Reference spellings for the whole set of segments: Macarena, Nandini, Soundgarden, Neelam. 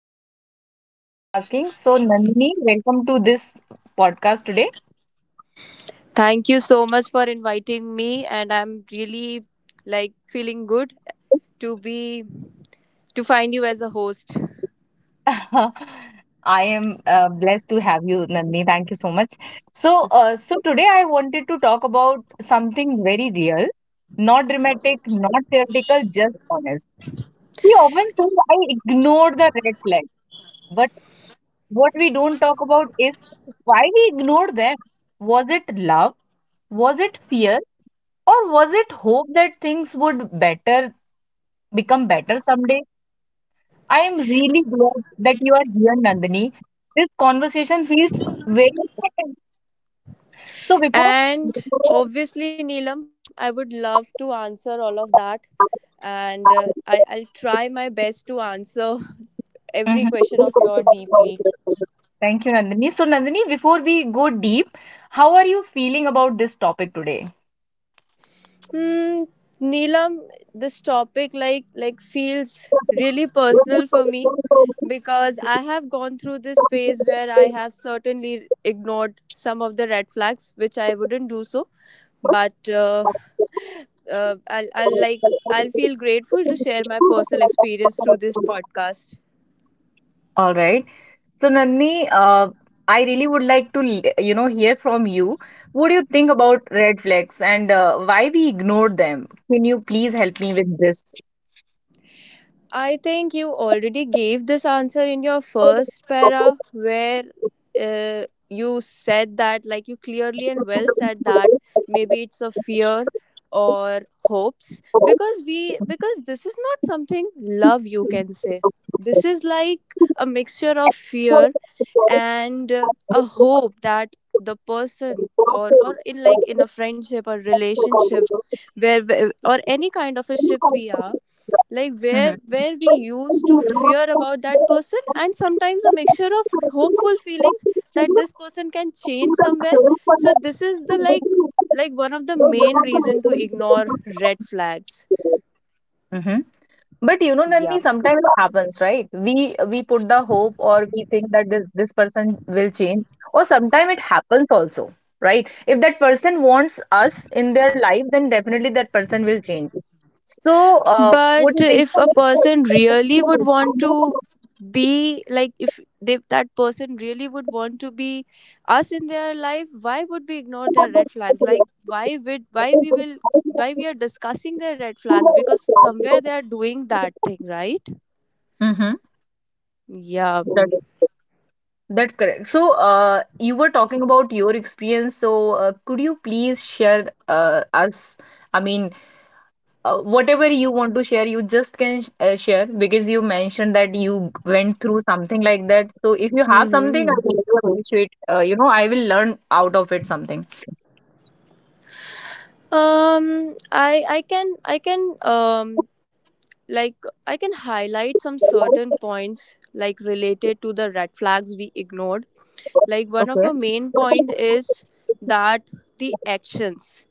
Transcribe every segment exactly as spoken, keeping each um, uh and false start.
good as well. Thank you so much for asking. So, Nandini, welcome to this podcast today. Thank you so much for inviting me, and I'm really like feeling good to be to find you as a host. I am uh, blessed to have you, Nandini. Thank you so much. So, uh, so today I wanted to talk about something very real, not dramatic, not theoretical, just honest. We often say I ignore the red flag, but what we don't talk about is why we ignore them. Was it love? Was it fear? Or was it hope that things would better become better someday? I am really glad that you are here, Nandini. This conversation feels very, so before. And obviously, Neelam, I would love to answer all of that, and uh, I, I'll try my best to answer every Mhm. question of your deeply. Thank you, Nandini. So Nandini, before we go deep, how are you feeling about this topic today? Hmm, Neelam, this topic like like feels really personal for me because I have gone through this phase where I have certainly ignored some of the red flags, which I wouldn't do so. But uh, uh, I'll, I'll like I'll feel grateful to share my personal experience through this podcast. All right. So Nandini, uh, I really would like to, l- you know, hear from you. What do you think about red flags and uh, why we ignore them? Can you please help me with this? I think you already gave this answer in your first para where uh, you said that, like, you clearly and well said that maybe it's a fear or hopes because we because this is not something love, you can say this is like a mixture of fear and uh, a hope that the person or or in, like, in a friendship or relationship where where- or any kind of a ship we are like where Mhm. where we used to fear about that person, and sometimes a mixture of hopeful feelings that this person can Do change the somewhere. same for So this is, the, them. like So. like one of the main reason to ignore red flags, Mm-hmm. But you know, yeah. Nandini, sometimes it happens, right? We we put the hope or we think that this this person will change, or sometimes it happens also, right? If that person wants us in their life, then definitely that person will change. So, uh, what do But you think? if a person really would want to be like if they, that person really would want to be us in their life, why would we ignore their red flags? Like, why would why we will why we are discussing their red flags, because somewhere they are doing that thing, right? Mm-hmm. Yeah. That's correct. So, uh, you were talking about your experience. So, uh, could you please share uh, us? I mean, uh, whatever you want to share, you just can sh- uh, share because you mentioned that you g- went through something like that. So, if you have something, I hmm will appreciate. Uh, you know, I will learn out of it something. Um, I I can I can um like I can highlight some certain points, like related to the red flags we ignored. Like one of our Okay. main point is that the actions,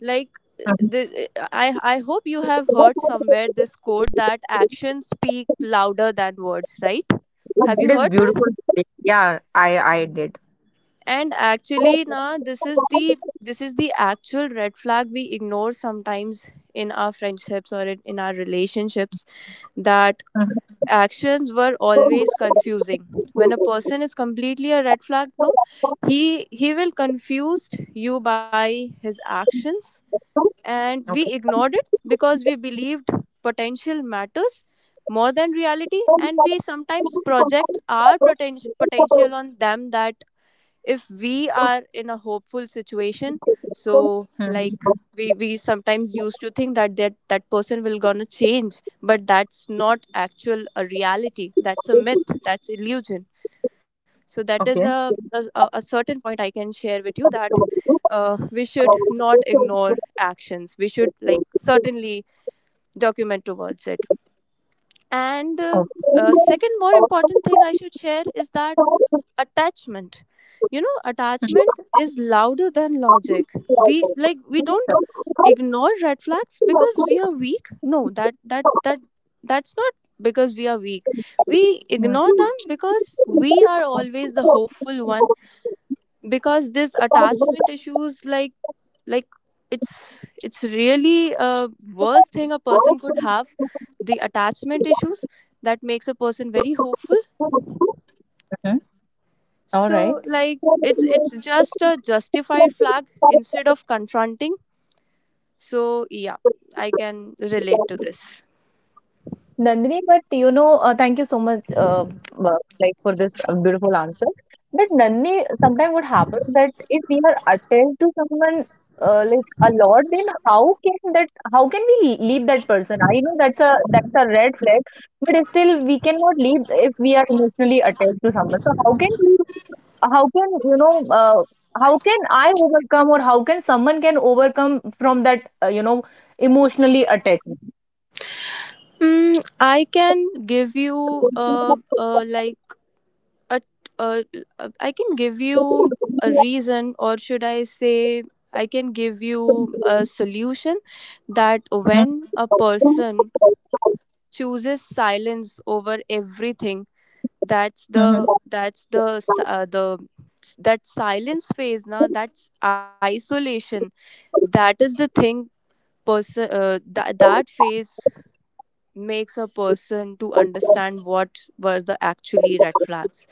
like, Mhm. the, I, I hope you have heard somewhere this quote that actions speak louder than words, right? Have That you is heard that? beautiful. Yeah, I I did. And actually, now this is the, this is the actual red flag we ignore sometimes in our friendships or in, in our relationships, that actions were always confusing. When a Mhm. person is completely a red flag, no, Okay. he he will confuse you by his actions, Hmm. and we Okay. ignored it because we believed potential matters more than reality. Oh. And we sometimes project Hmm. our poten- potential on them, that if we are in a hopeful situation, so, like, we, we sometimes used to think that, that that person will gonna change. But that's not actual a reality, that's a myth, that's illusion. So that is a, a, a certain point I can share with you, that uh, we should not ignore actions, we should, like, certainly document towards it. And uh, uh, second, more important thing I should share is that attachment. You know, Sure. attachment is louder than logic. We like we don't ignore red flags because we are weak. No, that that that that's not because we are weak. We Hmm. ignore them because we are always the hopeful one. Because this attachment issues, like like it's it's really a worst thing a person could have, the attachment issues, that makes a person very hopeful. Mhm. All right. So, like, it's it's just a justified flag instead of confronting. So yeah, I can relate to this. Nandini, but you know, uh, thank you so much, uh, uh, like for this uh, beautiful answer. But Nandini, sometimes what happens that if we are attached to someone uh, like a lot, then how can that? How can we leave that person? I know that's a that's a red flag, but still we cannot leave if we are emotionally attached to someone. So how can we how can you know uh, how can I overcome or how can someone can overcome from that uh, you know emotionally attachment? mm, I can give you a, a like a, a, a I can give you a reason, or should I say, I can give you a solution, that when a person chooses silence over everything, that's Mhm, the mhm. that's the s- uh, the that silence phase, now that's isolation. That is the thing. Person, uh, that that phase makes a person to understand what were the actually red flags.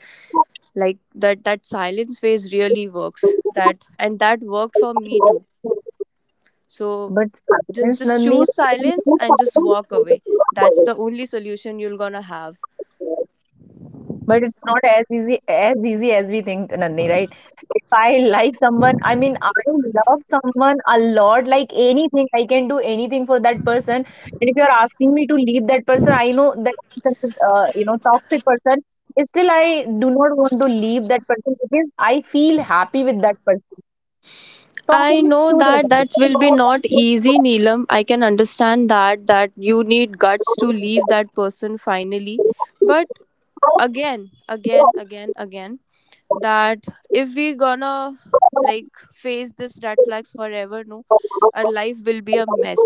Like, that that silence phase really works, that and that worked for me too. So But just sometimes just Nandini. choose silence and just walk away. That's the only solution you're gonna have. But it's not as easy as easy as we think, Nandini, right? If I like someone, I mean, I love someone a lot, like anything, I can do anything for that person. And if you're asking me to leave that person, I know that person is, uh, you know, toxic person. Still, I do not want to leave that person because I feel happy with that person. So how I know do that you that will be not easy, Neelam. I can understand that that you need guts to leave that person finally. But again again again again that if we gonna, like, face this red flags forever, no, our life will be a mess.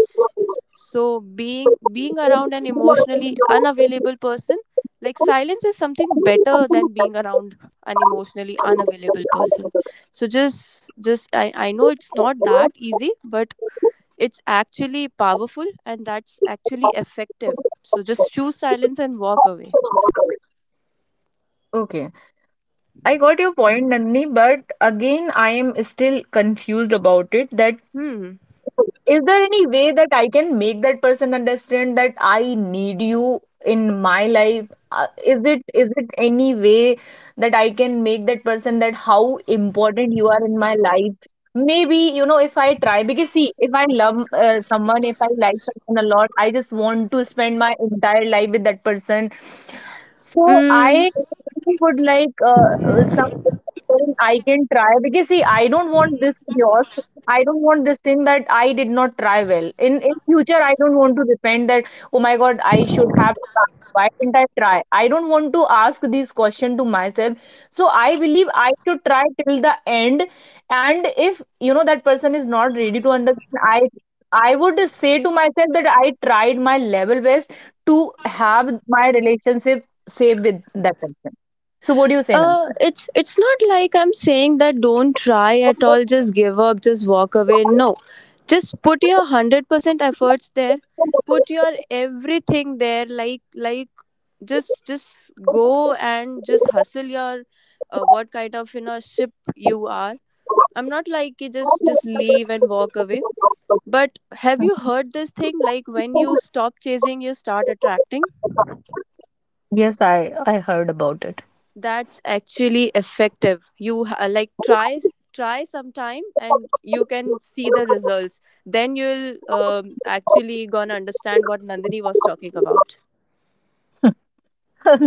So being being around an do emotionally that? unavailable person, like, silence is something better than being around an emotionally unavailable person. So just just i, I know it's not that easy, but it's actually powerful and that's actually effective. So just choose silence and walk away. Okay, I got your point, Nandini, but again, I am still confused about it that hmm is there any way that I can make that person understand that I need you in my life? Uh, is it is it any way that I can make that person that how important you are in my life? Maybe you know if I try because see if I love uh, someone if I like someone a lot I just want to spend my entire life with that person so mm, I really would like uh, uh, something I can try because see I don't want this chaos. I don't want this thing that I did not try well. In in future I don't want to repent that oh my God I should have tried. Why didn't I try? I don't want to ask these question to myself. So I believe I should try till the end. And if you know that person is not ready to understand, I I would say to myself that I tried my level best to have my relationship save with that person. So what do you say now? uh it's it's not like I'm saying that don't try at all, just give up, just walk away, no. Just put your one hundred percent efforts there, put your everything there, like like just just go and just hustle your uh, what kind of you know ship you are. I'm not, like, you just just leave and walk away. But have you heard this thing, like, when you stop chasing you start attracting? Yes, I I heard about it. That's actually effective. You ha- like try try sometime, and you can see the results. Then you'll um, actually gonna understand what Nandini was talking about.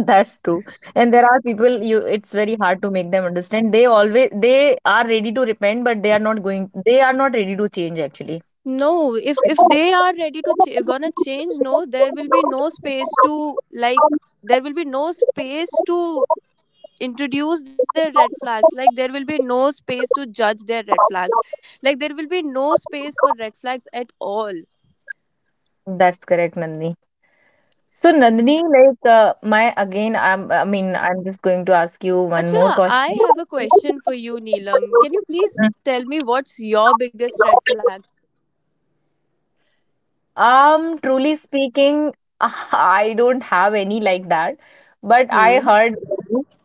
That's true. And there are people you it's very hard to make them understand. They always, they are ready to repent, but they are not going, they are not ready to change actually. No, if if they are ready to ch- gonna change, no, there will be no space to, like there will be no space to introduce their red flags. Like, there will be no space to judge their red flags. Like, there will be no space for red flags at all. That's correct, Nandini. So, Nandini, like, uh, my again, I'm, I mean, I'm just going to ask you one more Acha, question. I have a question for you, Neelam. Can you please tell me what's your biggest red Mm. flag? Um, truly speaking, I don't have any like that, but I Hmm. heard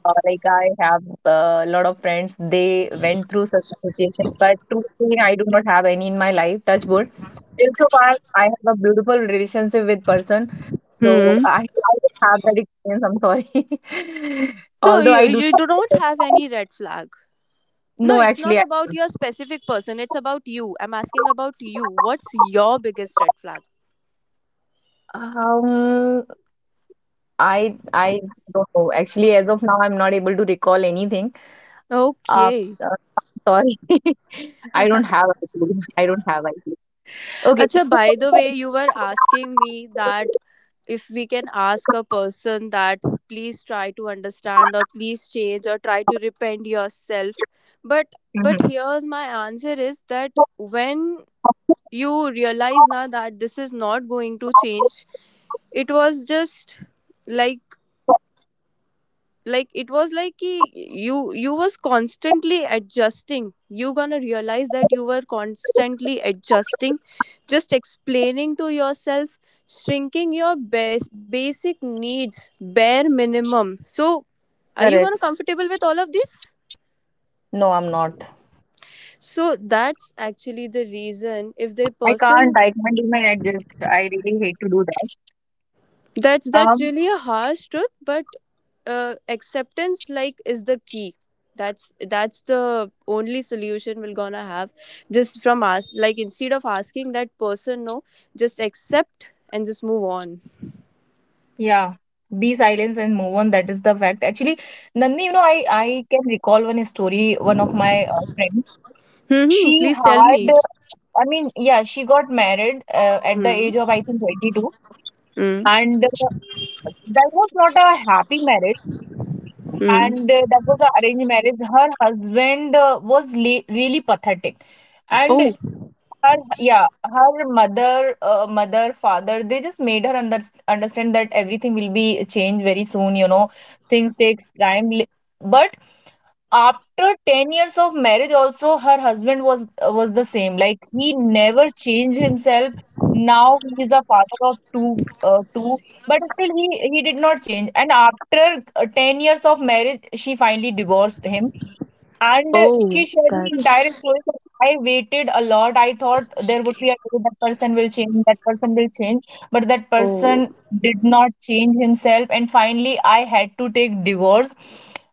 uh, like I have uh, a lot of friends, they went through such a situation, but truly speaking, I do not have any in my life, touch wood. Still so far, I have a beautiful relationship with person, so Hmm. I, I don't have that experience, I'm sorry. So Although I you do you not, do not have any red flag. No, no, it's actually, not I about your specific person. It's about you. I'm asking about you. What's your biggest red flag? um, I I don't know. Actually, as of now, I'm not able to recall anything. Uh, Okay. uh, Sorry, I don't have a clue. I don't have a clue. Okay. Acha, by the way, you were asking me that if we can ask a person that please try to understand or please change or try to repent yourself, but but Mhm. here's my answer is that when you realize now that this is not going to change, it was just like like it was like ki, you you was constantly adjusting. You gonna realize that you were constantly adjusting, just explaining to yourself, shrinking your bas- basic needs, bare minimum. So are you gonna Correct. comfortable with all of this? No, I'm not. So that's actually the reason, if the I person. can't. I can't even adjust. I really hate to do that. That's that's Um, really a harsh truth, but uh, acceptance, like, is the key. That's that's the only solution we're gonna have. Just from us, like, instead of asking that person, no, just accept and just move on. yeah. Be silence and move on. That is the fact. Actually, Nandini, you know, I I can recall one story. One of my uh, friends, Hmm. Hmm. she Please tell had. me. I mean, yeah, she got married uh, at the Hmm. age of I think twenty-two, Hmm. and uh, that was not a happy marriage. Hmm. And uh, that was an arranged marriage. Her husband uh, was le really pathetic, and Oh. her, yeah, her mother, uh, mother, father, they just made her under understand that everything will be changed very soon. You know, things takes time, li- but after ten years of marriage also her husband was was the same like he never changed himself. Now he is a father of two uh, two, but still he he did not change, and after uh, ten years of marriage she finally divorced him. And uh, Oh. she shared me entire That's. story. But I waited a lot. I thought there would be a day that person will change, that person will change, but that Oh. person did not change himself. And finally, I had to take divorce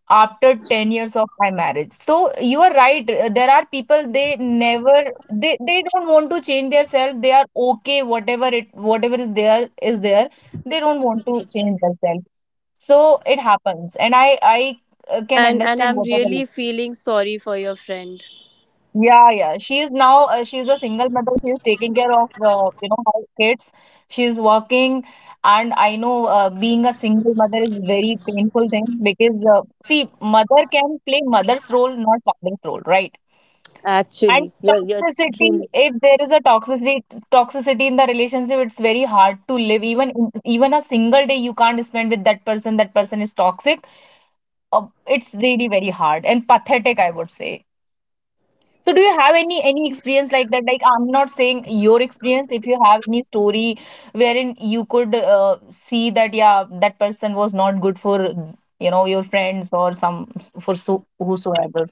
after ten years of my marriage. So you are right. uh, There are people, they never they they don't want to change their self. They are okay, whatever it whatever is there is there. They don't want to change themselves. So it happens, and I I uh, can And and understand I'm whatever. really feeling sorry for your friend. Yeah, yeah. She is now, uh, she is a single mother. She is taking care of, uh, you know, her kids. She is working. And I know uh, being a single mother is very painful thing because, uh, see, mother can play mother's role, not father's role, right? And Actually, you're you're toxicity, truly. if there is a toxicity, toxicity in the relationship, it's very hard to live. Even in- even a single day you can't spend with that person. That person is toxic. Uh, it's really very hard and pathetic, I would say. So do you have any any experience like that? Like I'm not saying your experience. If you have any story wherein you could uh, see that yeah that person was not good for you know your friends or some for so whosoever.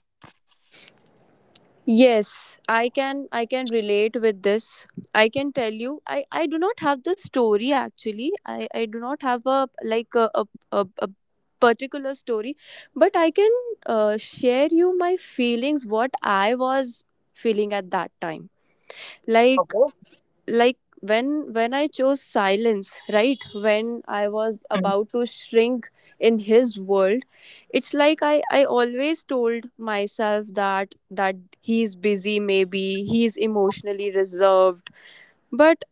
Yes, I can I can relate with this. I can tell you, I I do not have the story actually. I I do not have a like a a, a, a particular story, but I can uh, share you my feelings what I was feeling at that time. Like, Okay. like when when I chose silence, right? When I was Mm, about to shrink in his world, it's like i i always told myself that that he's busy, maybe he's emotionally reserved. But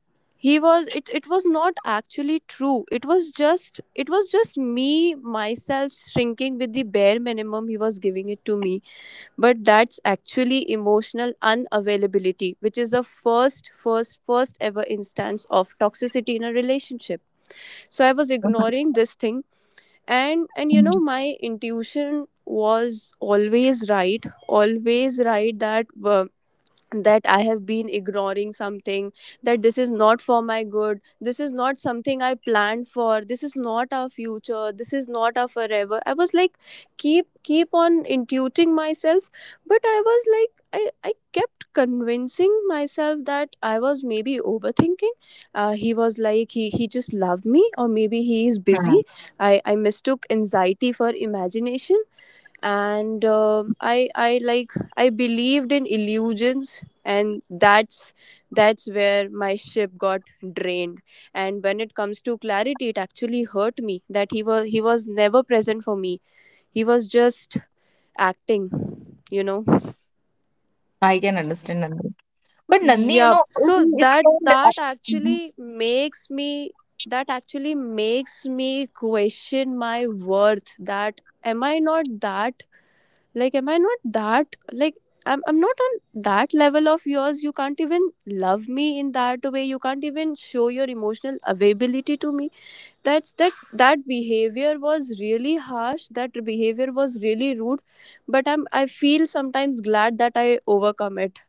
he was it it was not actually true. It was just, it was just me myself shrinking with the bare minimum he was giving it to me. But that's actually emotional unavailability, which is the first first first ever instance of toxicity in a relationship. So I was mhm, ignoring this thing. And and you mhm, know, my intuition was always right, always right, that uh, that I have been ignoring something, that this is not for my good, this is not something I planned for, this is not our future, this is not our forever. I was like, keep keep on intuiting myself, but I was like, I, I kept convincing myself that I was maybe overthinking. Uh, he was like, he, he just loved me, or maybe he is mhm. busy. I, I mistook anxiety for imagination, and uh, i i like I believed in illusions, and that's that's where my ship got drained. And when it comes to clarity, it actually hurt me that he was he was never present for me. He was just acting, you know. I can understand Nandi. But Nandi, you Yeah, know, so if we that spend uh, that Mhm. actually makes me that actually makes me question my worth, that am I not that? Like, am I not that, like, I'm I'm not on that level of yours. You can't even love me in that way. You can't even show your emotional availability to me. That's that that behavior was really harsh. That behavior was really rude. But I'm I feel sometimes glad that I overcome it.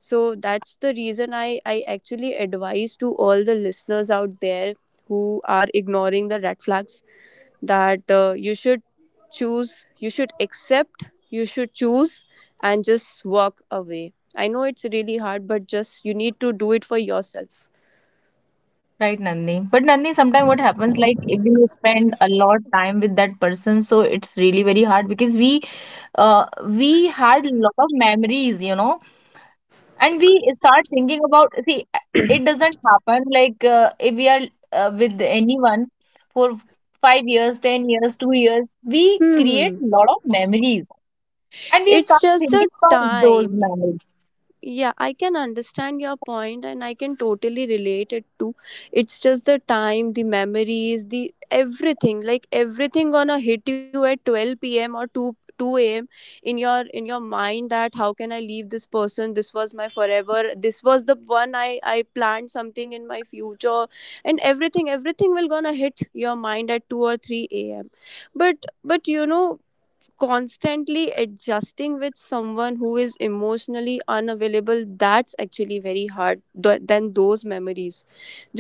So that's the reason I, I actually advise to all the listeners out there who are ignoring the red flags, that uh, you should choose, you should accept, you should choose, and just walk away. I know it's really hard, but just you need to do it for yourself. Right, Nandi. But Nandi, sometimes what happens like if we spend a lot time with that person, so it's really very hard because we uh we had lot of memories, you know. And we start thinking about, see, it doesn't happen like uh, if we are uh, with anyone for five years ten years two years we create Hmm. a lot of memories, and we It's start just the thinking about those time. memories, Yeah, I can understand your point, and I can totally relate it too. It's just the time, the memories, the everything. Like everything gonna hit you at twelve p m or 2 2 a.m. in your in your mind that how can I leave this person? This was my forever. This was the one I I planned something in my future, and everything everything will gonna hit your mind at two or three a m. But but you know, constantly adjusting with someone who is emotionally unavailable, that's actually very hard th- than those memories.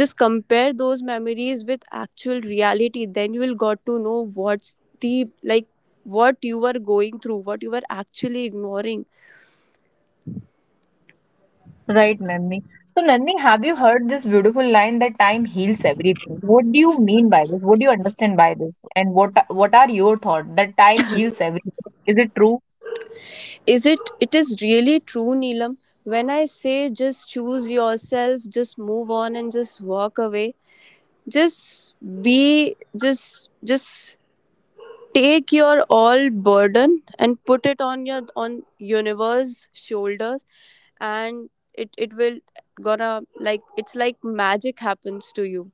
Just compare those memories with actual reality, then you will got to know what's the like, what you were going through, what you were actually ignoring. right Nandini? So Nandini, have you heard this beautiful line that time heals everything? What do you mean by this? What do you understand by this? And what what are your thoughts that time heals everything? Is it true? Is it, it is really true, Neelam. When I say just choose yourself, just move on and just walk away, just be, just just take your all burden and put it on your on universe shoulders, and it, it will gonna like it's like magic happens to you.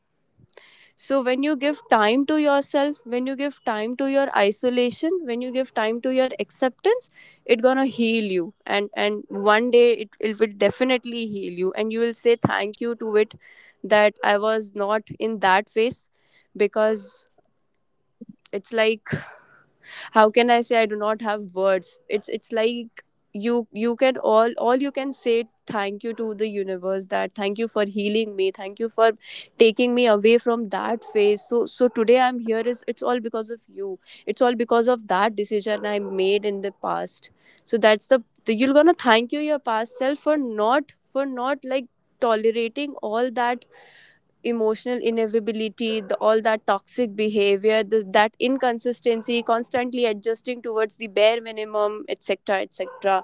So when you give time to yourself, when you give time to your isolation, when you give time to your acceptance, it gonna heal you, and and one day it, it will definitely heal you, and you will say thank you to it, that I was not in that phase. Because it's like, how can I say, I do not have words. it's it's like you you can, all all you can say, thank you to the universe, that thank you for healing me, thank you for taking me away from that phase. So so today I'm here is, it's all because of you. It's all because of that decision I made in the past. So that's the, the you're gonna thank you your past self for not, for not like tolerating all that emotional inevitability, the, all that toxic behavior, this, that inconsistency, constantly adjusting towards the bare minimum, et cetera, et cetera.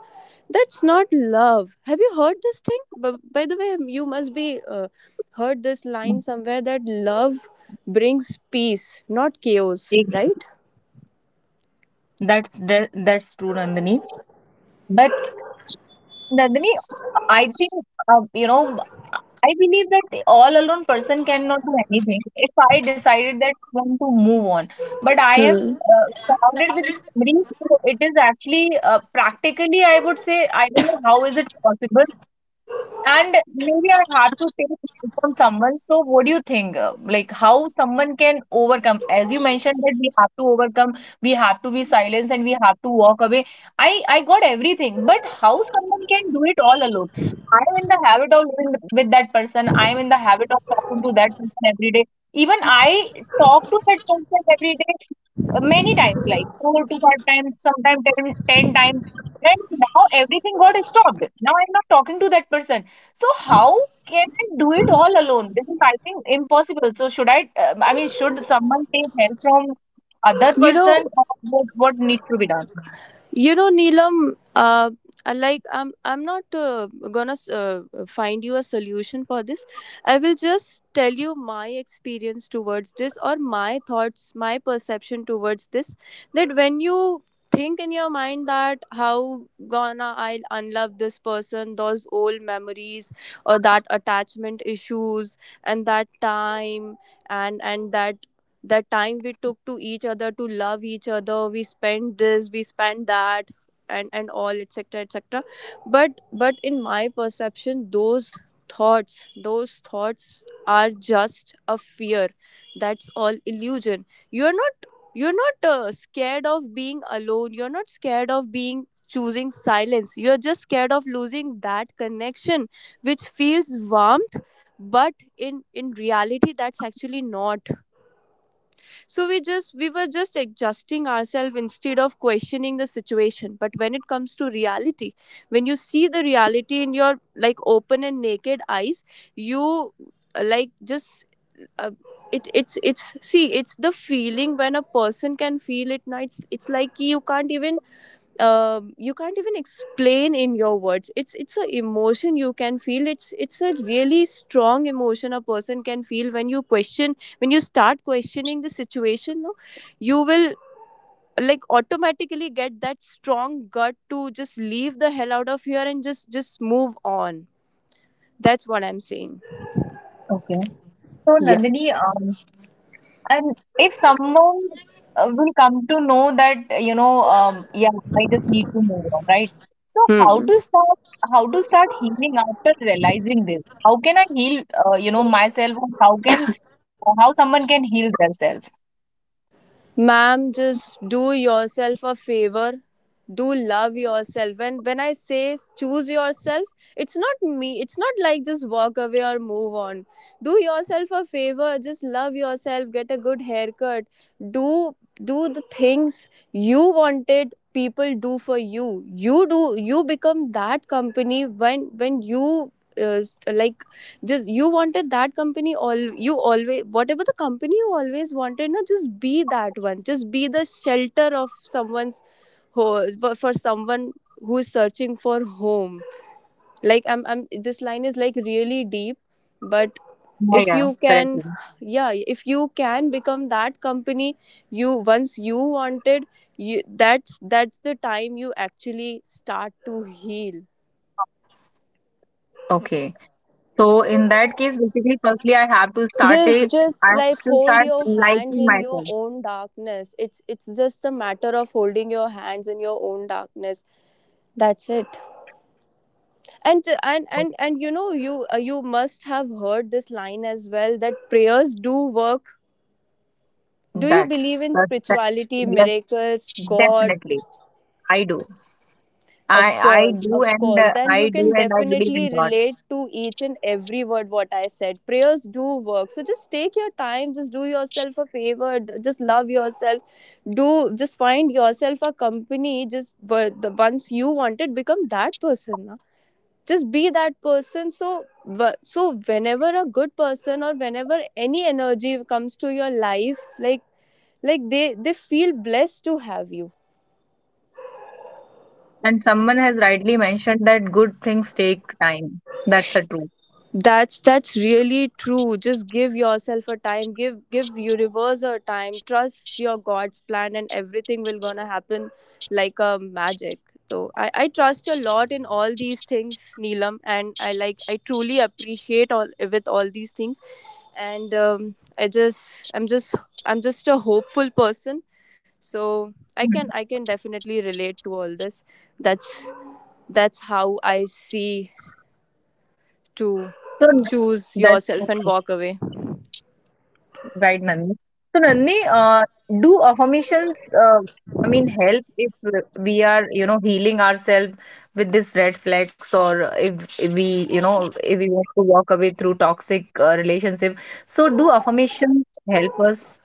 That's not love. Have you heard this thing? But by the way, you must be uh, heard this line somewhere that love brings peace, not chaos, Yes. right? That's that, that's true, Nandini. But Nandini, I think, uh, you know, I believe that all alone person cannot do anything. If I decided that I want to move on, but I am Hmm. uh, surrounded with memories, so it is actually uh, practically, I would say, I don't know how is it possible, and maybe I had to take help from someone. So, what do you think? uh, Like, how someone can overcome? As you mentioned that we have to overcome, we have to be silenced, and we have to walk away. I I got everything, but how someone can do it all alone? I am in the habit of living with with that person. I am in the habit of talking to that person every day. Even I talk to that person every day, uh, many times, like four to five times, sometimes ten, ten times. And now everything got stopped. Now I'm not talking to that person. So how can I do it all alone? Because I think impossible. So should I? Uh, I mean, should someone take help from other You person, know, or what what needs to be done? You know, Neelam, uh, uh, like I'm, I'm not uh, gonna uh, find you a solution for this. I will just tell you my experience towards this, or my thoughts, my perception towards this. That when you think in your mind that how gonna I'll unlove this person, those old memories, or that attachment issues, and that time, and and that the time we took to each other to love each other, we spent this, we spent that, and and all, etc., etc. but but in my perception, those thoughts, those thoughts are just a fear. That's all illusion. You're not you're not uh, scared of being alone, you're not scared of being choosing silence, you're just scared of losing that connection which feels warmth, but in in reality, that's actually not. So we just we were just adjusting ourselves instead of questioning the situation. But when it comes to reality, when you see the reality in your like open and naked eyes, you uh, like just, uh, it it's it's see, it's the feeling when a person can feel it now. It's it's like you can't even, um, you can't even explain in your words. It's it's a emotion, you can feel, it's it's a really strong emotion a person can feel when you question, when you start questioning the situation. No, you will like automatically get that strong gut to just leave the hell out of here and just just move on. That's what I'm saying. Okay. So Yeah. Nandini, um, and if someone uh, will come to know that uh, you know, um, yeah, I just need to move on, right? So how Hmm. to start? How to start healing after realizing this? How can I heal? Uh, you know, myself. Or how can? How someone can heal themselves? Ma'am, just do yourself a favor. Do love yourself. And when I say choose yourself, it's not me. It's not like just walk away or move on. Do yourself a favor. Just love yourself. Get a good haircut. Do do the things you wanted people do for you. You do, you become that company when when you uh, st- like just, you wanted that company all, you always, whatever the company you always wanted. No, just be that one. Just be the shelter of someone's ho- but for someone who is searching for home. Like i'm i'm, this line is like really deep, but Yeah, if yeah, you correct. can, yeah, if you can become that company you once you wanted, you, that's that's the time you actually start to heal. Okay. So in that case, basically, firstly, I have to start a, Just just I Like have to hold start your hands liking in your myself. own darkness. it's it's just a matter of holding your hands in your own darkness. That's it. And and and and you know, you uh, you must have heard this line as well that prayers do work. Do you believe That's in that, that- spirituality, yes, miracles, God? definitely. I do. I Of I course, do, of and course. uh, Then you I do, can and I believe in definitely God. relate to each and every word what I said. Prayers do work. So just take your time, just do yourself a favor, d- just love yourself. Do just find yourself a company. Just but the once you want it, become that person. Na? Just be that person. So wh- so whenever a good person or whenever any energy comes to your life, like like they they feel blessed to have you. And someone has rightly mentioned that good things take time. That's the truth. That's that's really true. Just give yourself a time. Give give universe a time. Trust your God's plan, and everything will gonna happen like a magic. So I, I trust a lot in all these things, Neelam, and I like I truly appreciate all with all these things, and um, I just I'm just, I'm just a hopeful person. So I can Mhm. I can definitely relate to all this. That's that's how I see to So choose that's. yourself and walk away? Right, Nandini. So, Nandini, uh, do affirmations, uh, I mean, help if we are, you know, healing ourselves with this red flags, or if, if we, you know, if we want to walk away through toxic uh, relationship? So, do affirmations help us?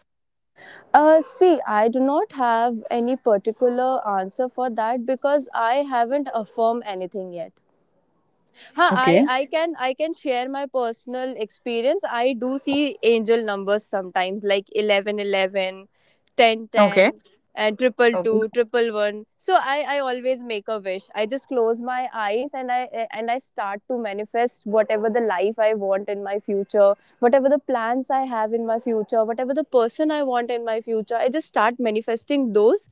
Uh, see, I do not have any particular answer for that because I haven't affirmed anything yet. Huh, Okay. I, I can, I can share my personal experience. I do see angel numbers sometimes, like eleven eleven, ten Okay. ten, and triple Okay. two, triple one. So I, I always make a wish. I just close my eyes, and I and I start to manifest whatever the life I want in my future, whatever the plans I have in my future, whatever the person I want in my future. I just start manifesting those.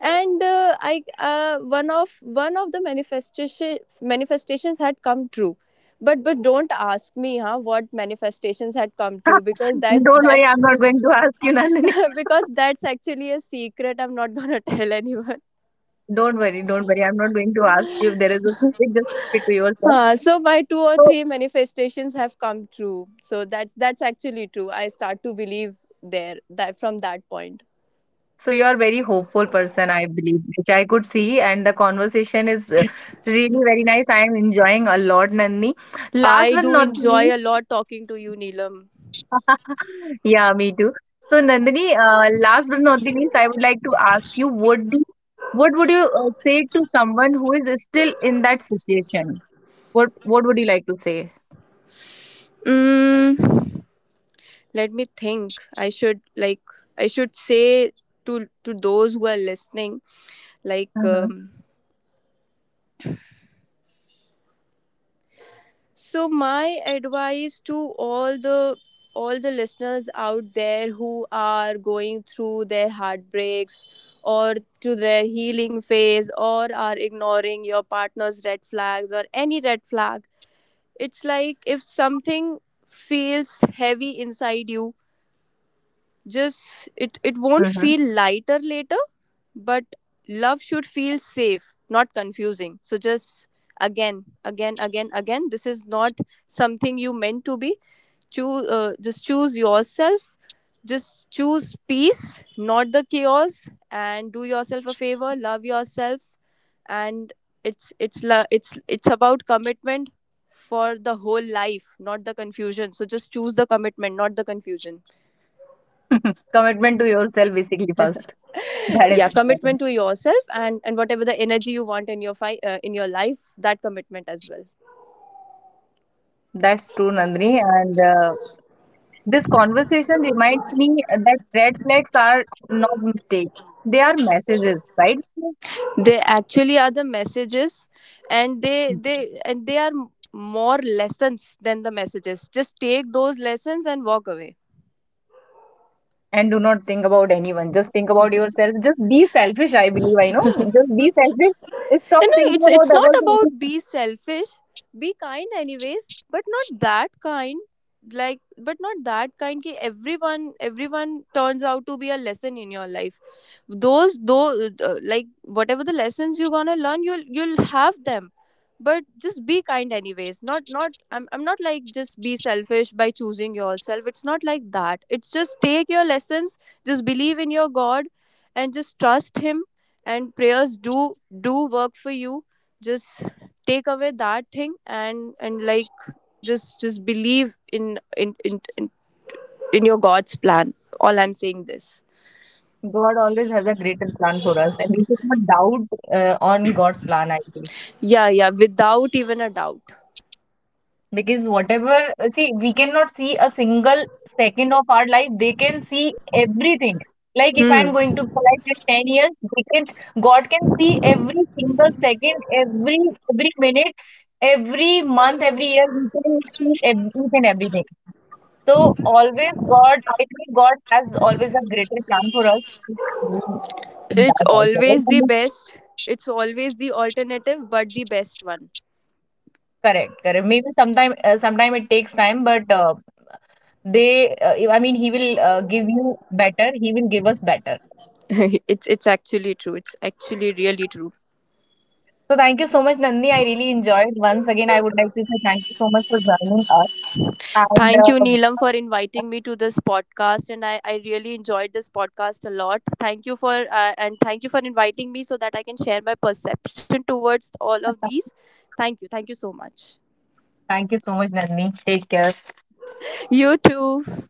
And uh, I uh, one of one of the manifestation manifestations had come true. But but don't ask me, huh, what manifestations had come true, because that's Don't worry, I'm not going to that's ask you, Nandini. because that's actually a secret. I'm not going to tell anyone. Don't worry, don't worry. I'm not going to ask you if there is a topic, just keep it to yourself. Uh, so my two or So, three manifestations have come true. So that's that's actually true. I start to believe there, that from that point. So you are very hopeful person, I believe, which I could see, and the conversation is uh, really very nice. I am enjoying a lot, Nandini. Last I but do not the enjoy least, a lot talking to you, Neelam. yeah, me too. So Nandini, uh, last but not the least, I would like to ask you, what do, what would you uh, say to someone who is still in that situation? What what would you like to say? Mm, let me think. i should like I should say to to those who are listening, like, Mm-hmm. um, so my advice to all the, all the listeners out there who are going through their heartbreaks, or to their healing phase, or are ignoring your partner's red flags or any red flag. It's like if something feels heavy inside you, just it it won't Mm-hmm. feel lighter later, but love should feel safe, not confusing. So just again, again, again, again, this is not something you meant to be. Choose, uh, just choose yourself. Just choose peace, not the chaos, and do yourself a favor. Love yourself, and it's it's la it's it's about commitment for the whole life, not the confusion. So just choose the commitment, not the confusion. Commitment to yourself, basically, first. That is Yeah, commitment important. to yourself, and and whatever the energy you want in your fi- uh, in your life, that commitment as well. That's true, Nandini, and uh, This conversation reminds me that red flags are not mistakes. They are messages, right? They actually are the messages, and they they and they are more lessons than the messages. Just take those lessons and walk away. And do not think about anyone. Just think about yourself. Just be selfish, I believe. I know. Just be selfish. Stop You know, thinking it's about it's not about others. be selfish. Be kind anyways, but not that kind. Like, but not that kind. Ki everyone everyone turns out to be a lesson in your life. Those though, uh, like whatever the lessons you're gonna learn, you'll you'll have them. But just be kind anyways. Not not. I'm I'm not like just be selfish by choosing yourself. It's not like that. It's just take your lessons. Just believe in your God, and just trust Him, and prayers do do work for you. Just take away that thing, and and like just just believe in, in in, in, in your God's plan. All I'm saying this. God always has a greater plan for us, and we should not doubt uh, on God's plan, I believe. Yeah, yeah, without even a doubt. Because whatever, see, we cannot see a single second of our life. They can see everything. Like if I'm Hmm. going to collect in ten years, they can, God can see every single second, every every minute, every month, every year. He can see everything and everything. So always God, I think God has always a greater plan for us. In It's that also, always the right? best. It's always the alternative, but the best one. Correct, correct. Maybe sometime, uh, sometime it takes time, but uh, they uh, I mean he will uh, give you better, he will give us better. it's it's actually true. It's actually really true. So thank you so much Nandini. I really enjoyed. Once again, I would like to say thank you so much for joining us, and Thank you, uh, Neelam, for inviting me to this podcast, and I, I really enjoyed this podcast a lot. Thank you for, uh, and thank you for inviting me so that I can share my perception towards all of these. Thank you, thank you so much. thank you so much Nandini, take care. You too.